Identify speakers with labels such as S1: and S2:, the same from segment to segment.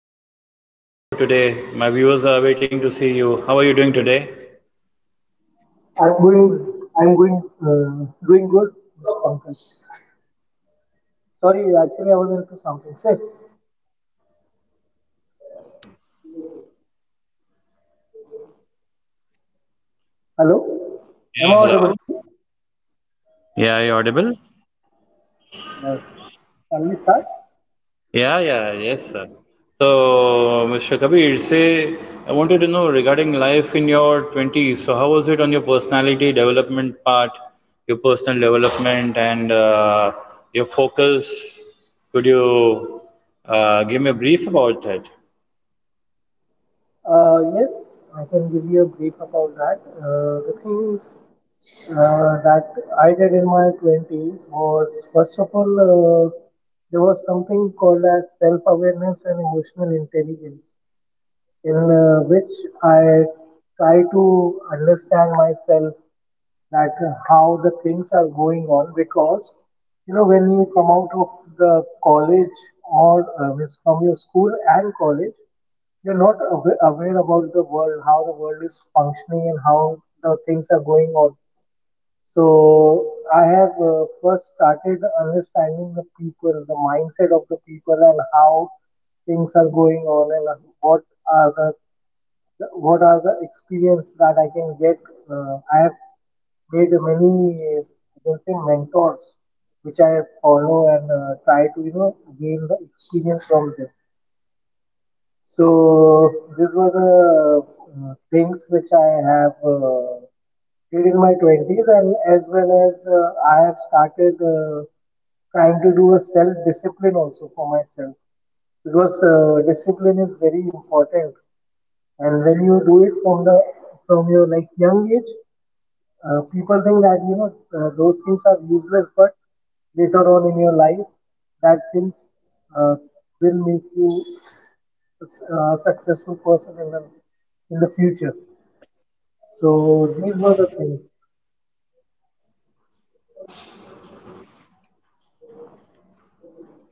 S1: Welcome to my podcast show today. My viewers are waiting to see you. How are you doing today?
S2: I'm going, I'm going, doing good this conference. Sorry, actually I was in this conference. Hey, hello, am I
S1: Yeah,
S2: audible
S1: hello.
S2: to you?
S1: Yeah, are you audible?
S2: Yes. Shall we start?
S1: Yeah, yes, sir. So, Mr. Kabir, say, I wanted to know regarding life in your 20s. So, how was it on your personality development part, your personal development, and your focus? Could you give me a brief about it?
S2: Yes, I can give you a brief about that. The things that I did in my twenties was first of all, there was something called as self-awareness and emotional intelligence. In which I try to understand myself, that how the things are going on, because you know when you come out of the college or means from your school and college, you're not aware about the world, how the world is functioning and how the things are going on. So I have first started understanding the people, the mindset of the people, and how things are going on, and what are the experience that I can get. I have made many, uh, I can say, mentors, which I follow and try to, gain the experience from them. So these were the things which I have did in my 20s, and as well as I have started trying to do a self-discipline also for myself, because discipline is very important, and when you do it from the from your like young age, people think that you know those things are useless, but later on in your life, that things uh, will make you a successful person in the future. So these were the things.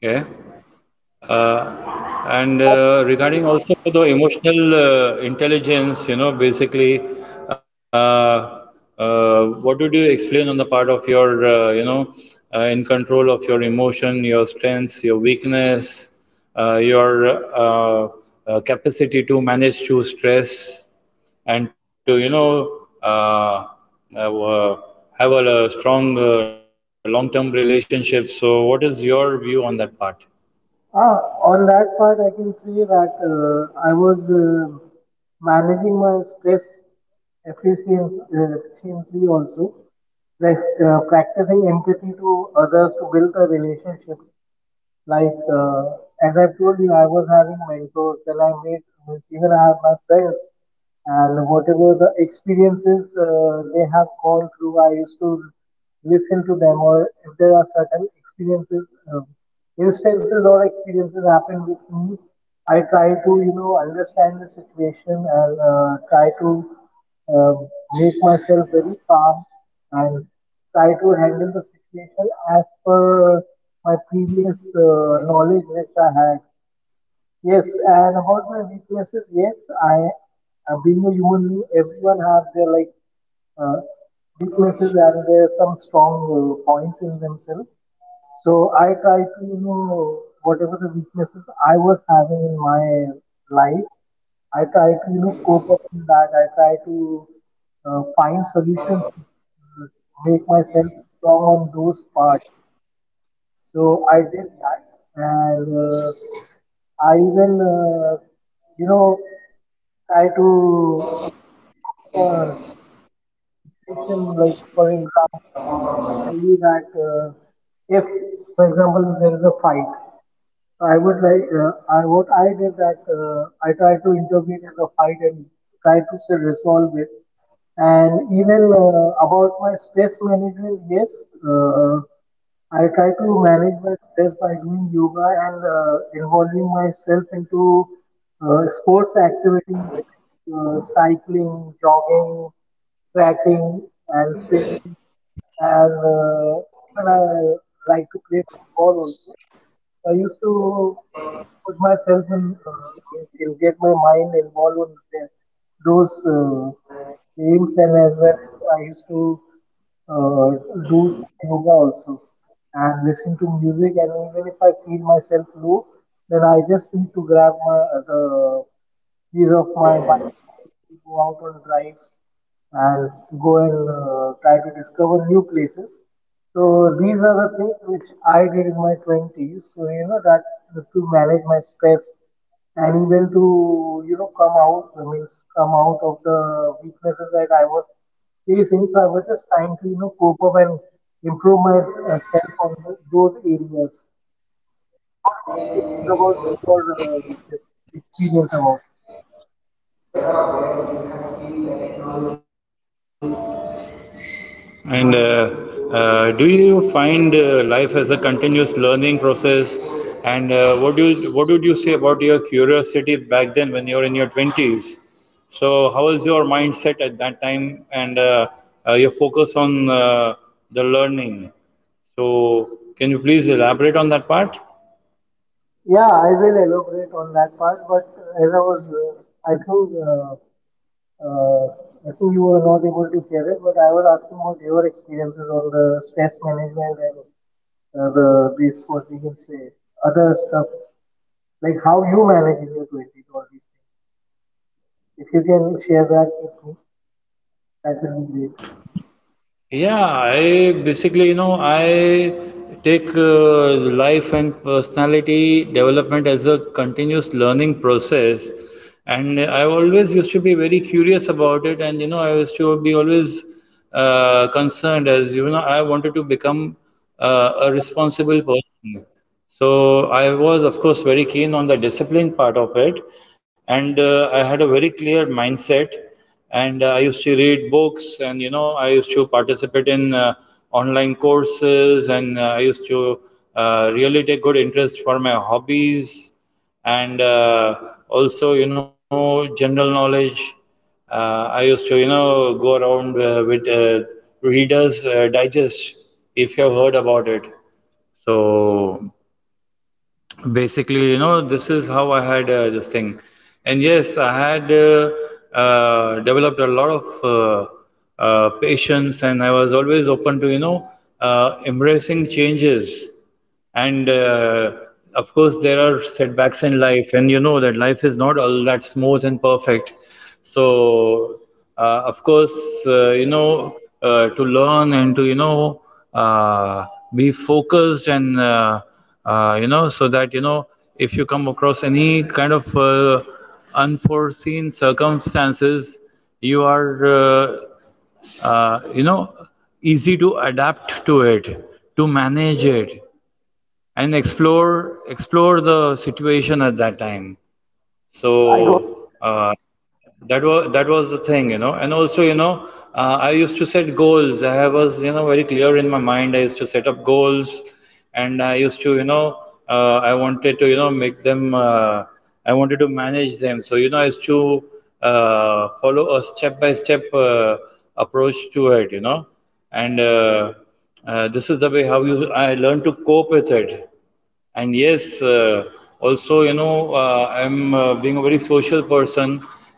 S1: Yeah. And
S2: And what about
S1: Regarding
S2: you?
S1: also to the emotional intelligence, you know, basically, uh, what would you explain on the part of your, you know, in control of your emotion, your strengths, your weakness, your uh, capacity to manage through stress, and to, you know, have, uh, have a, strong long-term relationship. So, what is your view on that part?
S2: Ah, on that part, I can say that I was managing my stress efficiently also, like practicing empathy to others to build a relationship, like, as I have told you, I was having mentors. Then I made means even I have my friends, and whatever the experiences they have gone through, I used to listen to them. Or if there are certain experiences, um instances or experiences happen with me, I try to understand the situation and try to, um, make myself very calm and try to handle the situation as per my previous knowledge which I had. Yes, and about my weaknesses, yes, I, being a human being, everyone have their like uh, weaknesses, and there's some strong points in themselves. So I try to, whatever the weaknesses I was having in my life, I try to, cope up in that. I try to find solutions to make myself strong on those parts. So I did that, and I even, you know, try to adopt the situation. Like, for example, I can tell you that if, for example, there is a fight, so I would like, I, what I did, that I tried to intervene in the fight and try to still resolve it. And even about my stress management, yes, I try to manage my stress by doing yoga and involving myself into sports activities like cycling, jogging, trekking, and swimming, and even I like to play football also. So I used to put myself in, get my mind involved in those games, and as well as I used to uh, do some yoga also and listen to music. And even if I feel myself low, then I just need to grab my the keys of my bike, and I used to go out on drives and go and try to discover new places. So these are the things which I did in my 20s. So you know that to manage my stress, and even to come out of the weaknesses that I was facing. So I was just trying to cope up and improve myself on those areas. What about you? What about your this experience about?
S1: And Do you find life as a continuous learning process? And what do you, what would you say about your curiosity back then when you were in your 20s? So how was your mindset at that time and your focus on the learning? So can you please elaborate on that part?
S2: Yeah, I will elaborate on that part, but as I was, uh, I think you were not able to hear it, but I was asking about your experiences on the stress management and the this what we can say other stuff, like how you manage in your twenties, all these things. If you can share that with me, that will be great.
S1: Yeah, I basically, you know, I take life and personality development as a continuous learning process. And I always used to be very curious about it. And, you know, I used to be always concerned as, you know, I wanted to become a responsible person. So I was, of course, very keen on the discipline part of it, and I had a very clear mindset. And I used to read books, and you know, I used to participate in online courses, and I used to really take good interest for my hobbies, and also, you know, general knowledge. I used to, you know, go around with Reader's Digest, if you have heard about it. So basically, you know, this is how I had this thing, and yes, I had developed a lot of patience, and I was always open to, you know, embracing changes. And Of course, there are setbacks in life, and you know that life is not all that smooth and perfect. So of course, you know, to learn and to, you know, uh, be focused and you know, so that you know if you come across any kind of unforeseen circumstances, you are you know easy to adapt to it, to manage it, and explore the situation at that time.
S2: I got
S1: So
S2: it.
S1: that was the thing, you know. And also, you know, I used to set goals. I was, you know, very clear in my mind. I used to set up goals, and I used to, you know, I wanted to, you know, make them, I wanted to manage them, so you know I used to follow a step by step approach to it, you know. And This is the way how you I learned to cope with it. And yes, also, you know, I'm being a very social person.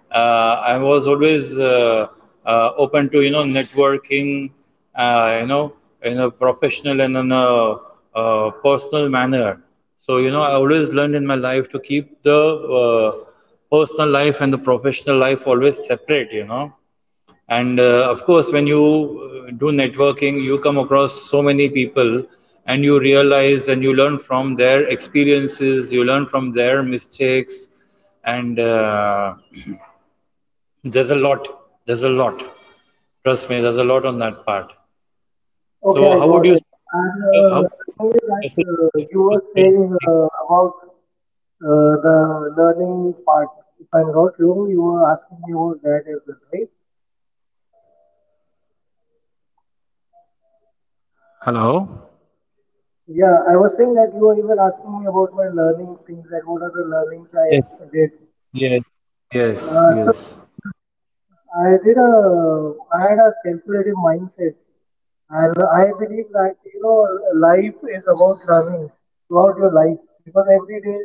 S1: I was always open to, you know, networking, you know, in a professional and in a personal manner. So, you know, I always learned in my life to keep the personal life and the professional life always separate, you know. And of course, when you do networking, you come across so many people, and you realize and you learn from their experiences, you learn from their mistakes, and there's a lot. There's a lot. Trust me, there's a lot on that part.
S2: Okay,
S1: So,
S2: I
S1: how would
S2: got
S1: you?
S2: it. And
S1: How would
S2: the
S1: you
S2: thing is that you
S1: message
S2: were saying about the learning part. If I'm not wrong, you were asking me about that as well, right?
S1: Hello.
S2: Yeah, I was saying that you were even asking me about my learning things, that what are the learnings I
S1: Yes.
S2: did.
S1: Yes. Yes.
S2: So
S1: Yes.
S2: yeah, I had a calculative mindset, and I believe that life is about learning throughout your life, because every day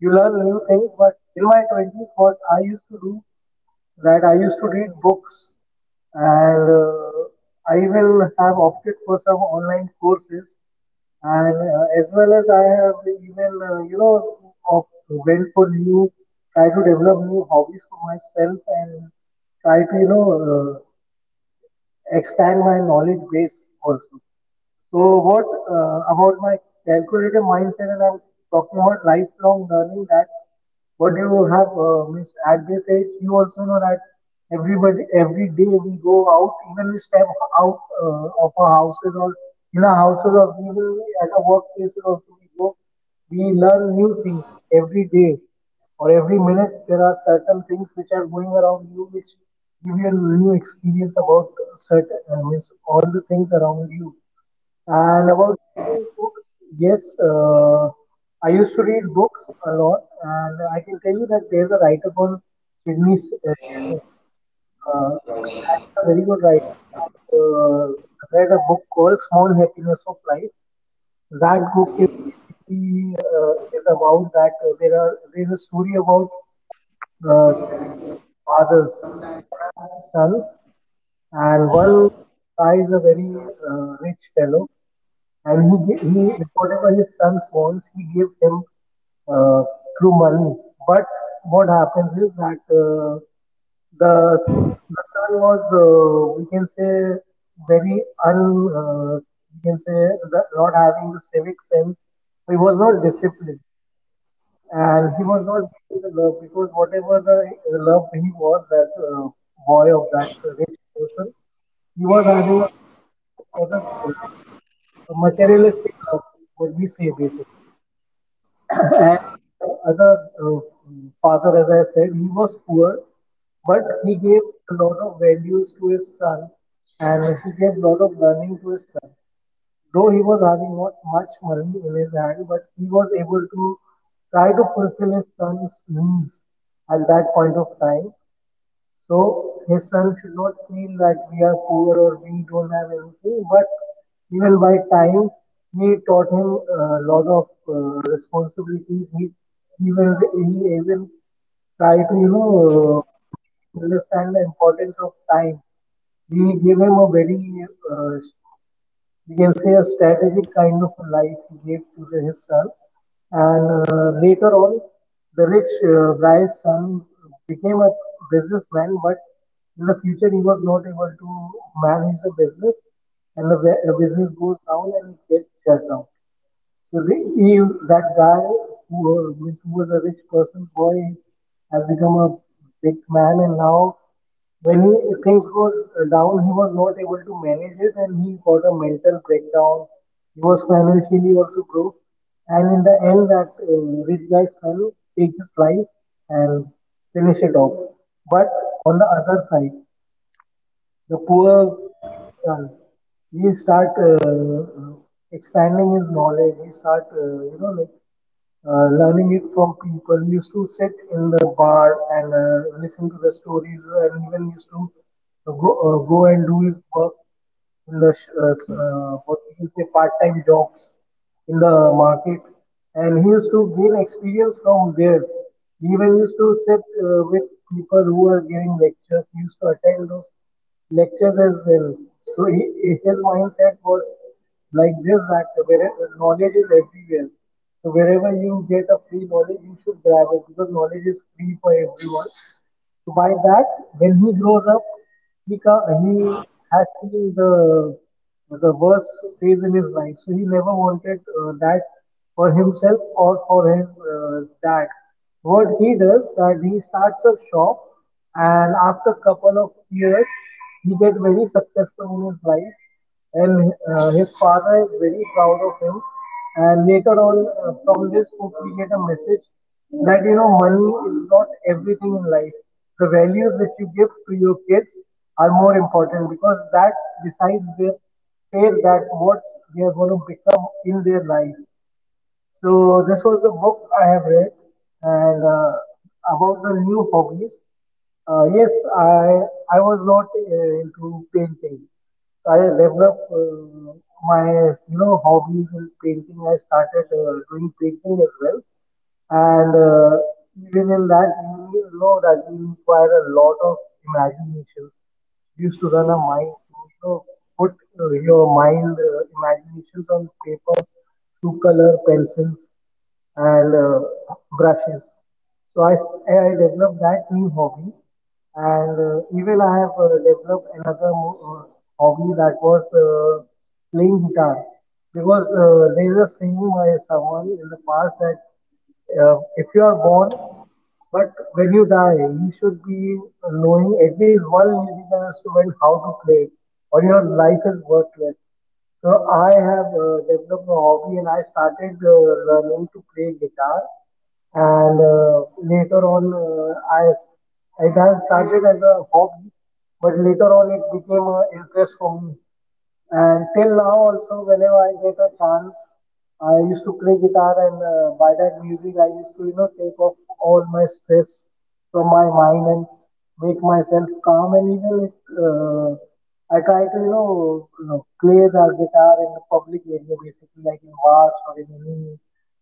S2: you learn new things. But in my twenties, what I used to do, that I used to read books, and I will have opted for some online courses, and as well as I have even you know of went for new try to develop new hobbies for myself, and try to uh, expand my knowledge base also. So, what about my calculative mindset? And I'm talking about lifelong learning. That's what you have means at this age. You also know that everybody, every day we go out, even we step out of our houses or in our houses, or even at our workplaces also we go. So we learn new things every day or every minute. There are certain things which are going around you, which give you a new experience about certain means all the things around you. And about reading books, yes, I used to read books a lot, and I can tell you that there's a writer called Sidney Sheldon. Uh, that is a very good writer, and I read a book called Small Happiness of Life. That book is basically, is about that, there is a story about uh, two fathers who have sons, and one guy is a very rich fellow, and he if whatever his sons wants, he gave him uh, through money. But what happens is that, the the son was, we can say, very un uh, we can say, that not having the civic sense, he was not disciplined, and he was not getting the love, because whatever the love he was, that boy of that rich person, he was having a love for the uh, a materialistic love, what we say basically. And other, uh, father, as I said, he was poor, but he gave a lot of values to his son, and he gave a lot of learning to his son. Though he was having not much money in his hand, but he was able to try to fulfill his son's needs at that point of time. So his son should not feel that we are poor or we don't have anything, but even by time, he taught him a lot of responsibilities. He even tried to make him understand the importance of time. We gave him a very, we can say, a strategic kind of a life he gave to his son. And later on, the rich guy's son became a businessman, but in the future he was not able to manage the business, and the business goes down, and it gets shut down. So that guy who was a rich person boy has become a big man, and now, when things goes down, he was not able to manage it, and he got a mental breakdown. He was financially also broke, and in the end, that rich guy's son take his life and finish it off. But on the other side, the poor guy's son, he start expanding his knowledge. He start like learning it from people. He used to sit in the bar and listen to the stories, and even used to go and do his work in the what you can say part-time jobs in the market, and he used to gain experience from there. He even used to sit with people who were giving lectures. He used to attend those lectures as well. So his mindset was like this, that where knowledge is everywhere. So wherever you get a free knowledge, you should grab it, because knowledge is free for everyone. So by that, when he grows up, he he has seen the worst phase in his life. So he never wanted that, for himself or for his dad. So, what he does that he starts a shop, and after couple of years, he get very successful in his life, and his father is very proud of him and later on from this book we get a message that money is not everything in life. The values which you give to your kids are more important because that decides their fate that what they are going to become in their life. So this was a book I have read, and about the new hobbies. Yes, I I was not into painting. So I developed my hobbies in painting. I started doing painting as well, and even in that, that you require a lot of imaginations. You used to run a mind to, put your mind, imaginations on paper through color pencils and brushes. So I developed that new hobby, and even I have developed another hobby that was playing guitar, because there is a saying by someone in the past that, if you are born, but when you die, you should be knowing at least one musical instrument how to play it, or your life is worthless. So I have developed a hobby, and I started learning to play guitar. And later on, I it has started as a hobby, but later on it became an interest for me. And till now also, whenever I get a chance, I used to play guitar, and by that music, I used to, take off all my stress from my mind and make myself calm. And even I try to, play the guitar in the public area, basically like in bars or in any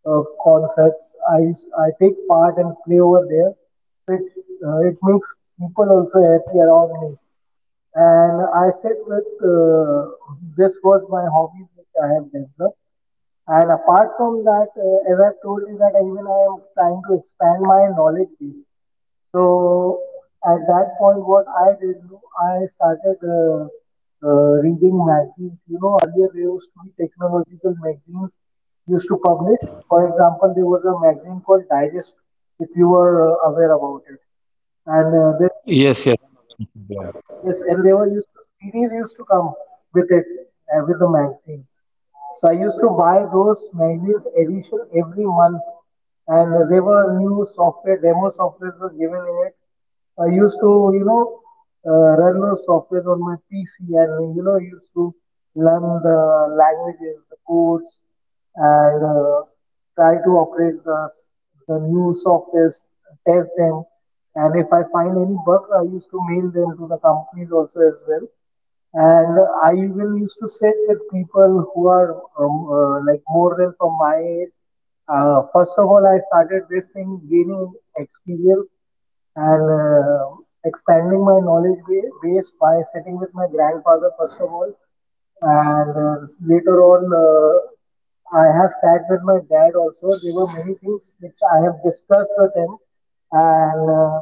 S2: concerts. I take part and play over there, so it makes people also happy around me. And I said, with this was my hobbies which I have developed. And apart from that, as I've told you, that even I am trying to expand my knowledge base. So at that point, what I did, no, I started reading magazines. You know, earlier there used to be technological magazines used to publish. For example, there was a magazine called Digest, if you were aware about it. And there
S1: Yes. Yes. Yeah.
S2: Yes. And there were used to series used to come with it, with the magazines. So I used to buy those magazines edition every month, and there were new software demo softwares were given in it. So, I used to run those softwares on my PC, and used to learn the languages, the codes, and try to operate the new softwares, test them. And if I find any bug, I used to mail them to the companies also as well. And I will used to sit with people who are like more than from my age. First of all, I started this thing gaining experience and expanding my knowledge base by sitting with my grandfather first of all, and later on, I have sat with my dad also. There were many things which I have discussed with him, and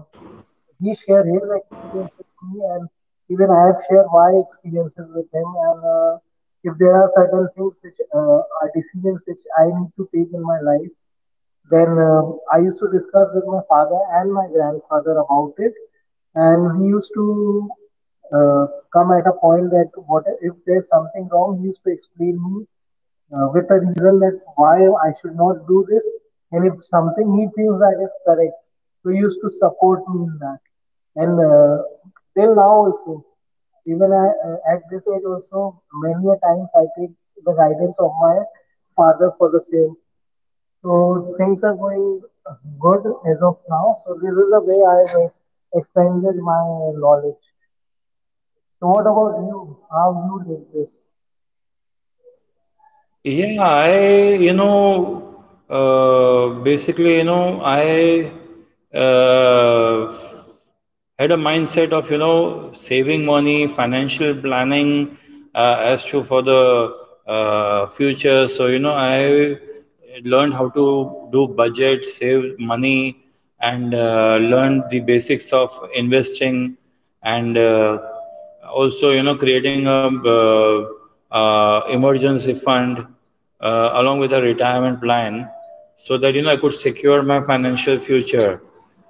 S2: he shared his experience with me, and even I have shared my experiences with him. And if there are certain things which are decisions which I need to take in my life, then I used to discuss with my father and my grandfather about it, and he used to uh, come at a point that what if there's something wrong, he used to explain me with a reason that why I should not do this, and if something he feels that is correct, so he used to support me in that. And till now also, even I, at this age also, many a times I take the guidance of my father for the same. So things are going good as of now. So this is the way I have expanded my knowledge. So what about you? How you did this?
S1: Yeah, I, you know, basically, you know, I uh, had a mindset of, you know, saving money, financial planning as to for the future. So, you know, I learned how to do budget, save money, and learned the basics of investing, and also, you know, creating a emergency fund along with a retirement plan, so that you know I could secure my financial future.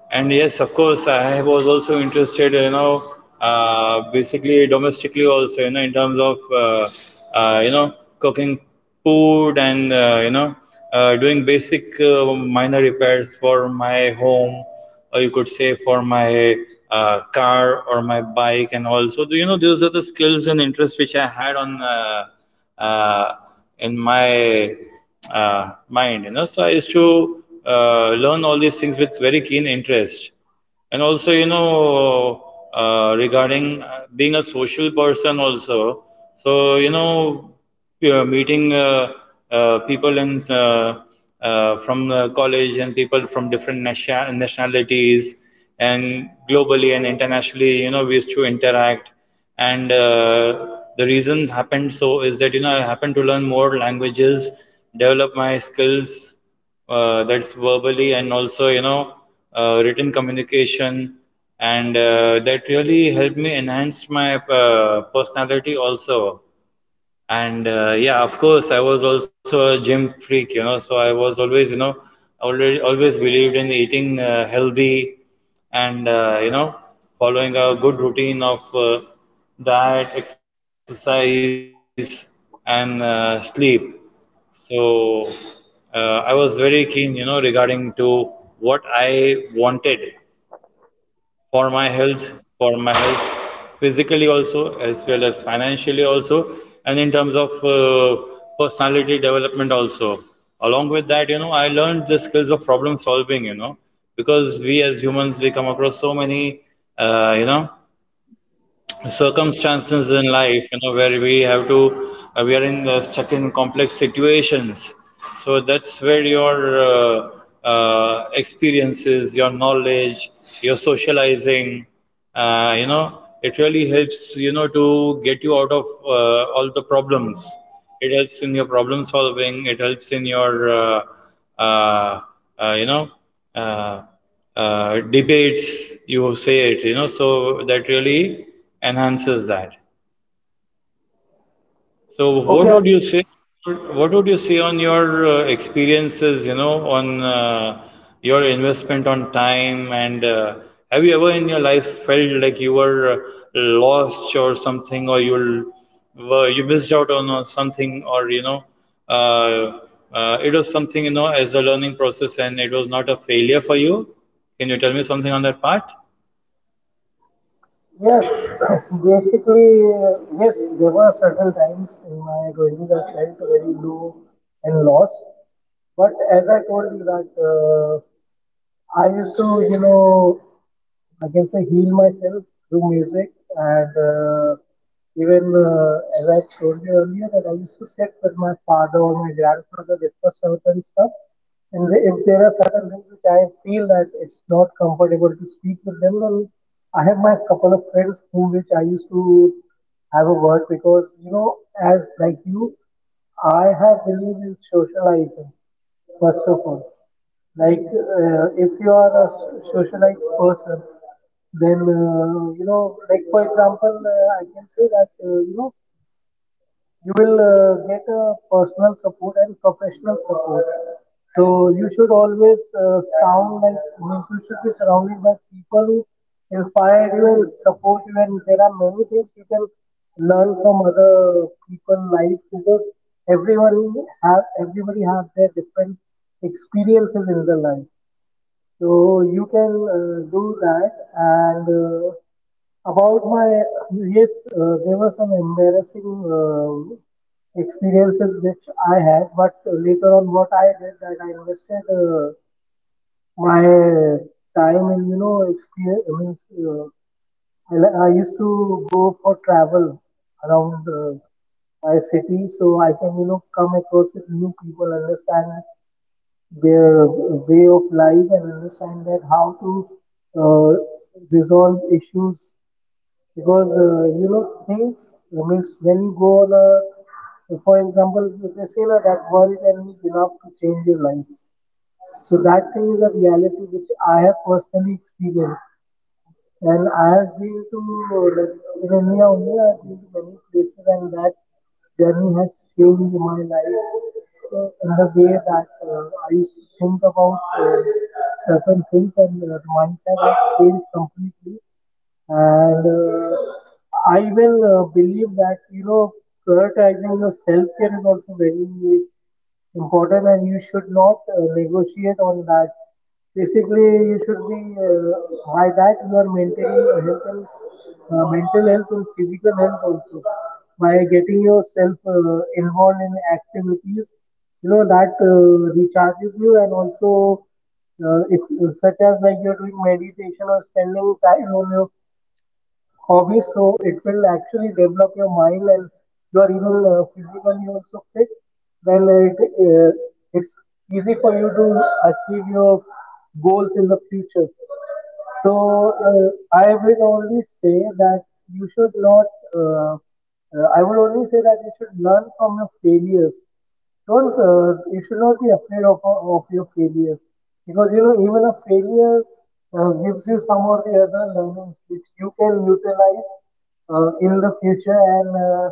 S1: And yes, of course, I was also interested, you know, basically domestically also, you know, in terms of you know cooking food and you know doing basic minor repairs for my home, or you could say for my car or my bike and all. So you know, those are the skills and interests which I had on uh, in my mind, you know. So I used to learn all these things with very keen interest. And also, you know, regarding being a social person, also, so, you know, we are meeting people in, from college, and people from different nationalities and globally and internationally, you know, we used to interact. And the reason happened so is that, you know, I happened to learn more languages, develop my skills, that's verbally and also, you know, written communication. And that really helped me enhance my personality also. And yeah, of course, I was also a gym freak, you know, so I was always, you know, already always believed in eating healthy and, you know, following a good routine of diet, exercise, and sleep. So I was very keen, you know, regarding to what I wanted for my health, for my health physically also, as well as financially also, and in terms of personality development also. Along with that, you know, I learned the skills of problem solving, you know, because we as humans, we come across so many you know circumstances in life, you know, where we have to we are in stuck in complex situations. So that's where your experiences, your knowledge, your socializing, you know, it really helps, you know, to get you out of all the problems. It helps in your problem solving, it helps in your uh, you know uh, debates, you say it, you know, so that really enhances that. So what
S2: Okay,
S1: would
S2: I
S1: you say?
S2: got it.
S1: What would you say on your experiences, you know, on your investment on time and have you ever in your life felt like you were lost or something, or you were you missed out on something, or you know uh, it was something, you know, as a learning process, and it was not a failure for you? Can you tell me something on that part?
S2: Yes, basically, yes, there were certain times in my 20s I felt very low and lost. But as I told you that I used to, I can say heal myself through music, and even as I told you earlier, that I used to sit with my father or my grandfather discuss certain stuff, and if there are certain things which I feel that it's not comfortable to speak with them, then I have my couple of friends who which I used to have a word, because as like you, I have believed in socializing first of all. Like, if you are a socialite person, then, like for example, I can say that, you will get a personal support and professional support. So you should always sound like, means you should be surrounded by people who inspire you and support you. And there are many things you can learn from other people life, because everyone have everybody have their different experiences in their life. So you can do that. And about my yes, there were some embarrassing uh, experiences which I had. But later on, what I did that I invested my time in experience means I used to go for travel around my city so I can come across with new people, understand their way of life and understand that how to uh, resolve issues, because things I means when you go on a, for example, if they say that one time is enough to change your life, so that thing is a reality which I have personally experienced, and I have been to like in India only. I have been to many places, and that journey has changed my life in the way that I used to think about certain things, and the mindset has changed completely. And uh, I will believe that prioritizing your self care is also very important, and you should not negotiate on that. Basically, you should be by that you are maintaining a health and mental health and physical health also, by getting yourself involved in activities. You know that recharges you, and also if, such as like you're doing meditation or spending time on your hobby, so it will actually develop your mind, and you are even physically also fit, then uh, it's easy for you to achieve your goals in the future. So uh, I will only say that you should not. Uh, I would only say that you should learn from your failures. Don't. You should not be afraid of your failures, because even a failure gives you some or the other learnings which you can utilize in the future, and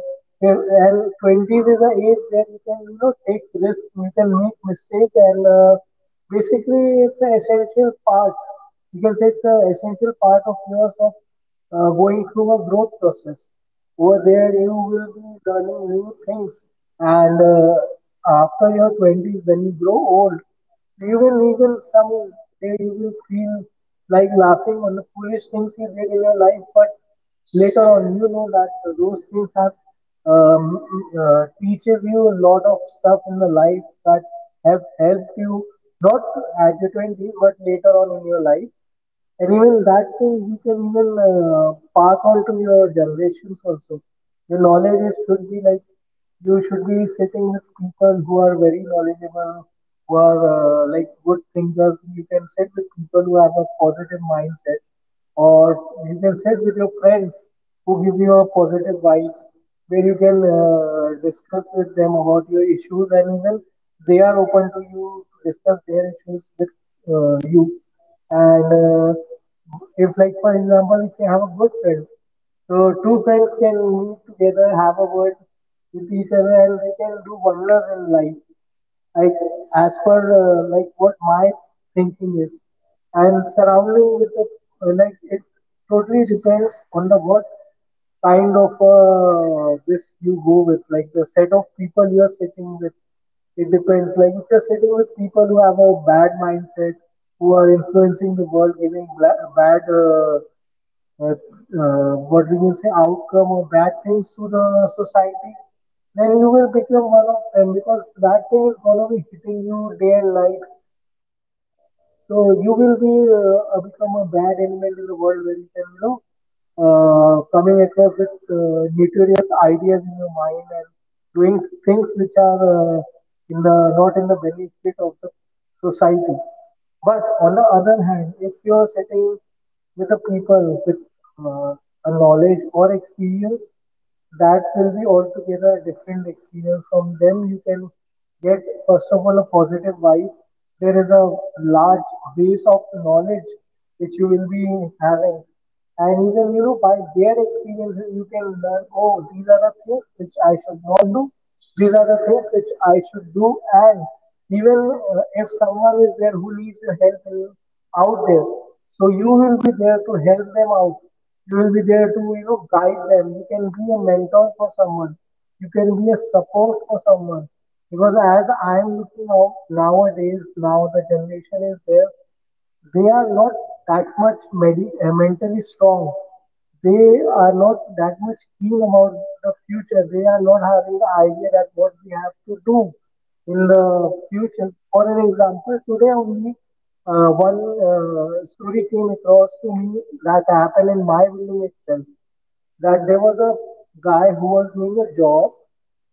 S2: if- and 20s is the age where you can take risk, you can make mistake, and basically it's an essential part. You can say it's an essential part of yours, of going through a growth process. Over there you will be learning new things, and after your 20s when you grow old, you will even some day you will feel like laughing on the foolish things you did in your life, but later on you know that those things have um, teaches you a lot of stuff in the life that have helped you, not at your 20s but later on in your life. And even that thing you can even pass on to your generations also. Your knowledge is, should be like, you should be sitting with people who are very knowledgeable, who are like good thinkers. You can sit with people who have a positive mindset, or you can sit with your friends who give you a positive vibes, where you can discuss with them about your issues, and even they are open to you to discuss their issues with you. And if, like for example, if you have a good friend, so two friends can meet together, have a word with each other, and they can do wonders in life, like, as per like what my thinking is, and surrounding with the like, it totally depends on the what kind of this you go with, like the set of people you are sitting with. It depends, like if you're sitting with people who have a bad mindset, who are influencing the world, giving bad, but, what we can say, outcome or bad things to the society, Then you will become one of them because that thing is gonna be hitting you day and night. So you will be become a bad element in the world where you can coming across with notorious ideas in your mind and doing things which are in the not in the benefit of the society. But on the other hand, if you are sitting with a people with uh, a knowledge or experience, that will be altogether a different experience. From them you can get, first of all, a positive vibe. There is a large base of knowledge which you will be having, and even you know, by their experience you can learn, oh, these are the things which I should not do, these are the things which I should do. And even if someone is there who needs your help out there, so you will be there to help them out. You will be there to, you know, guide them. You can be a mentor for someone. You can be a support for someone. Because as I am looking out nowadays, now the generation is there, they are not that much mentally strong. They are not that much keen about the future. They are not having the idea that what we have to do in the future. For an example, today only one story came across to me that happened in my building itself. That there was a guy who was doing a job,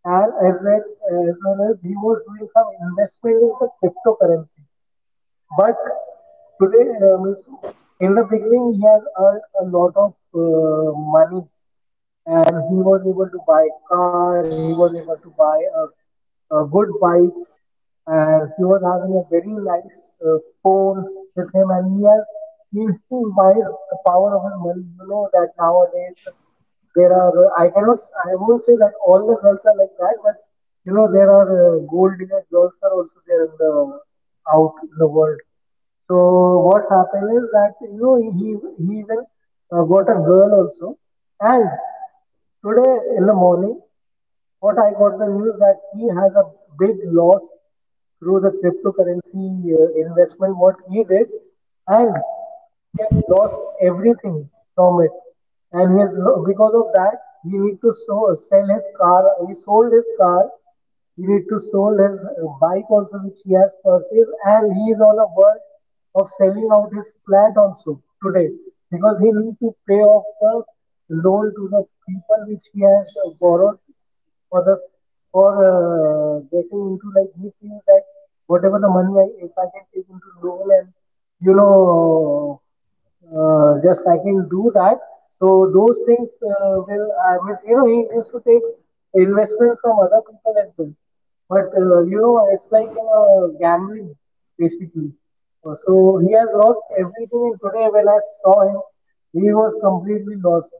S2: and well as, he was doing some investment in the cryptocurrency. But today, means in the beginning, he has earned a lot of money, and he was able to buy a car, he was able to buy a good bike, and he was having a very nice phones with him, and he used to wise the power of his money. You know that nowadays there are I cannot, I won't say that all the girls are like that, but you know, there are gold digger girls are also there in the out in the world. So what happened is that, you know, he even got a girl also, and today in the morning, what I got the news that he has a big loss through the cryptocurrency investment, what he did, and he has lost everything from it. And because of that, he need to sell his car. He sold his car. He need to sold his bike also, which he has purchased, and he is on the verge of selling out his flat also today, because he need to pay off the loan to the people which he has borrowed for the for getting into, like he feels that whatever the money I, if I can take into loan, and you know, just I can do that. So those things will, I mean, you know, he used to take investments from other people as well. But you know, it's like gambling basically. So he has lost everything, and today when I saw him, he was completely lost.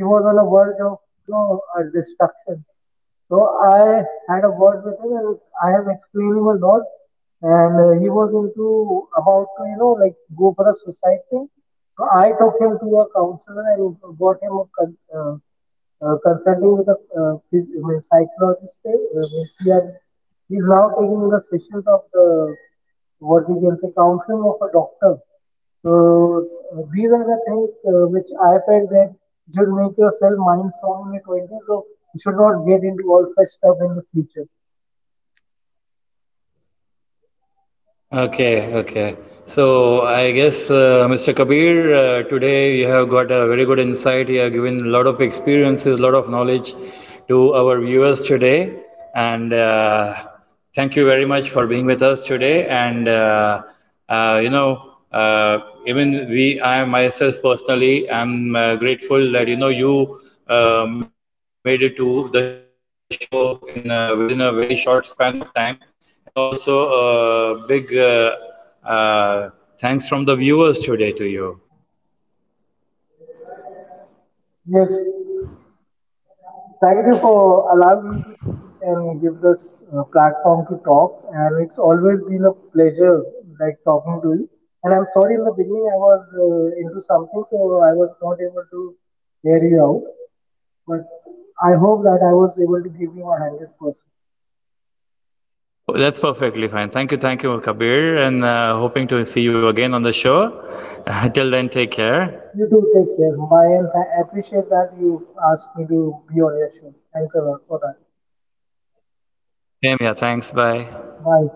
S2: He was on the verge of, you know, destruction. So I had a word with him, and I have explained him a lot. And he was into about to, you know, like go for a suicide thing. So I took him to a counselor and got him a consulting with a I mean, psychologist, means he has, he's now taking the sessions of the, what we can say, counseling of a doctor. So these are the things which I felt that you should make yourself mind strong in your 20s, so you should not get into all such stuff in the future.
S1: Okay, okay. So I guess, Mr. Kabir, today you have got a very good insight. You have given a lot of experiences, a lot of knowledge to our viewers today. And thank you very much for being with us today. And you know, even we, I myself personally, I'm grateful that you know you made it to the show in within a very short span of time, and also a big thanks from the viewers today to you.
S2: Yes, thank you for allowing me to speak and give this platform to talk. And it's always been a pleasure, like talking to you. And I'm sorry, in the beginning I was into something, so I was not able to hear you out. But I hope that I was able to give you 100%.
S1: That's perfectly fine. Thank you, Kabir, and hoping to see you again on the show. Till then, take
S2: You
S1: care.
S2: do take care. Bye, and I appreciate that you asked me to be on your show. Thanks a lot for that.
S1: Same here. Thanks. Bye.
S2: Bye.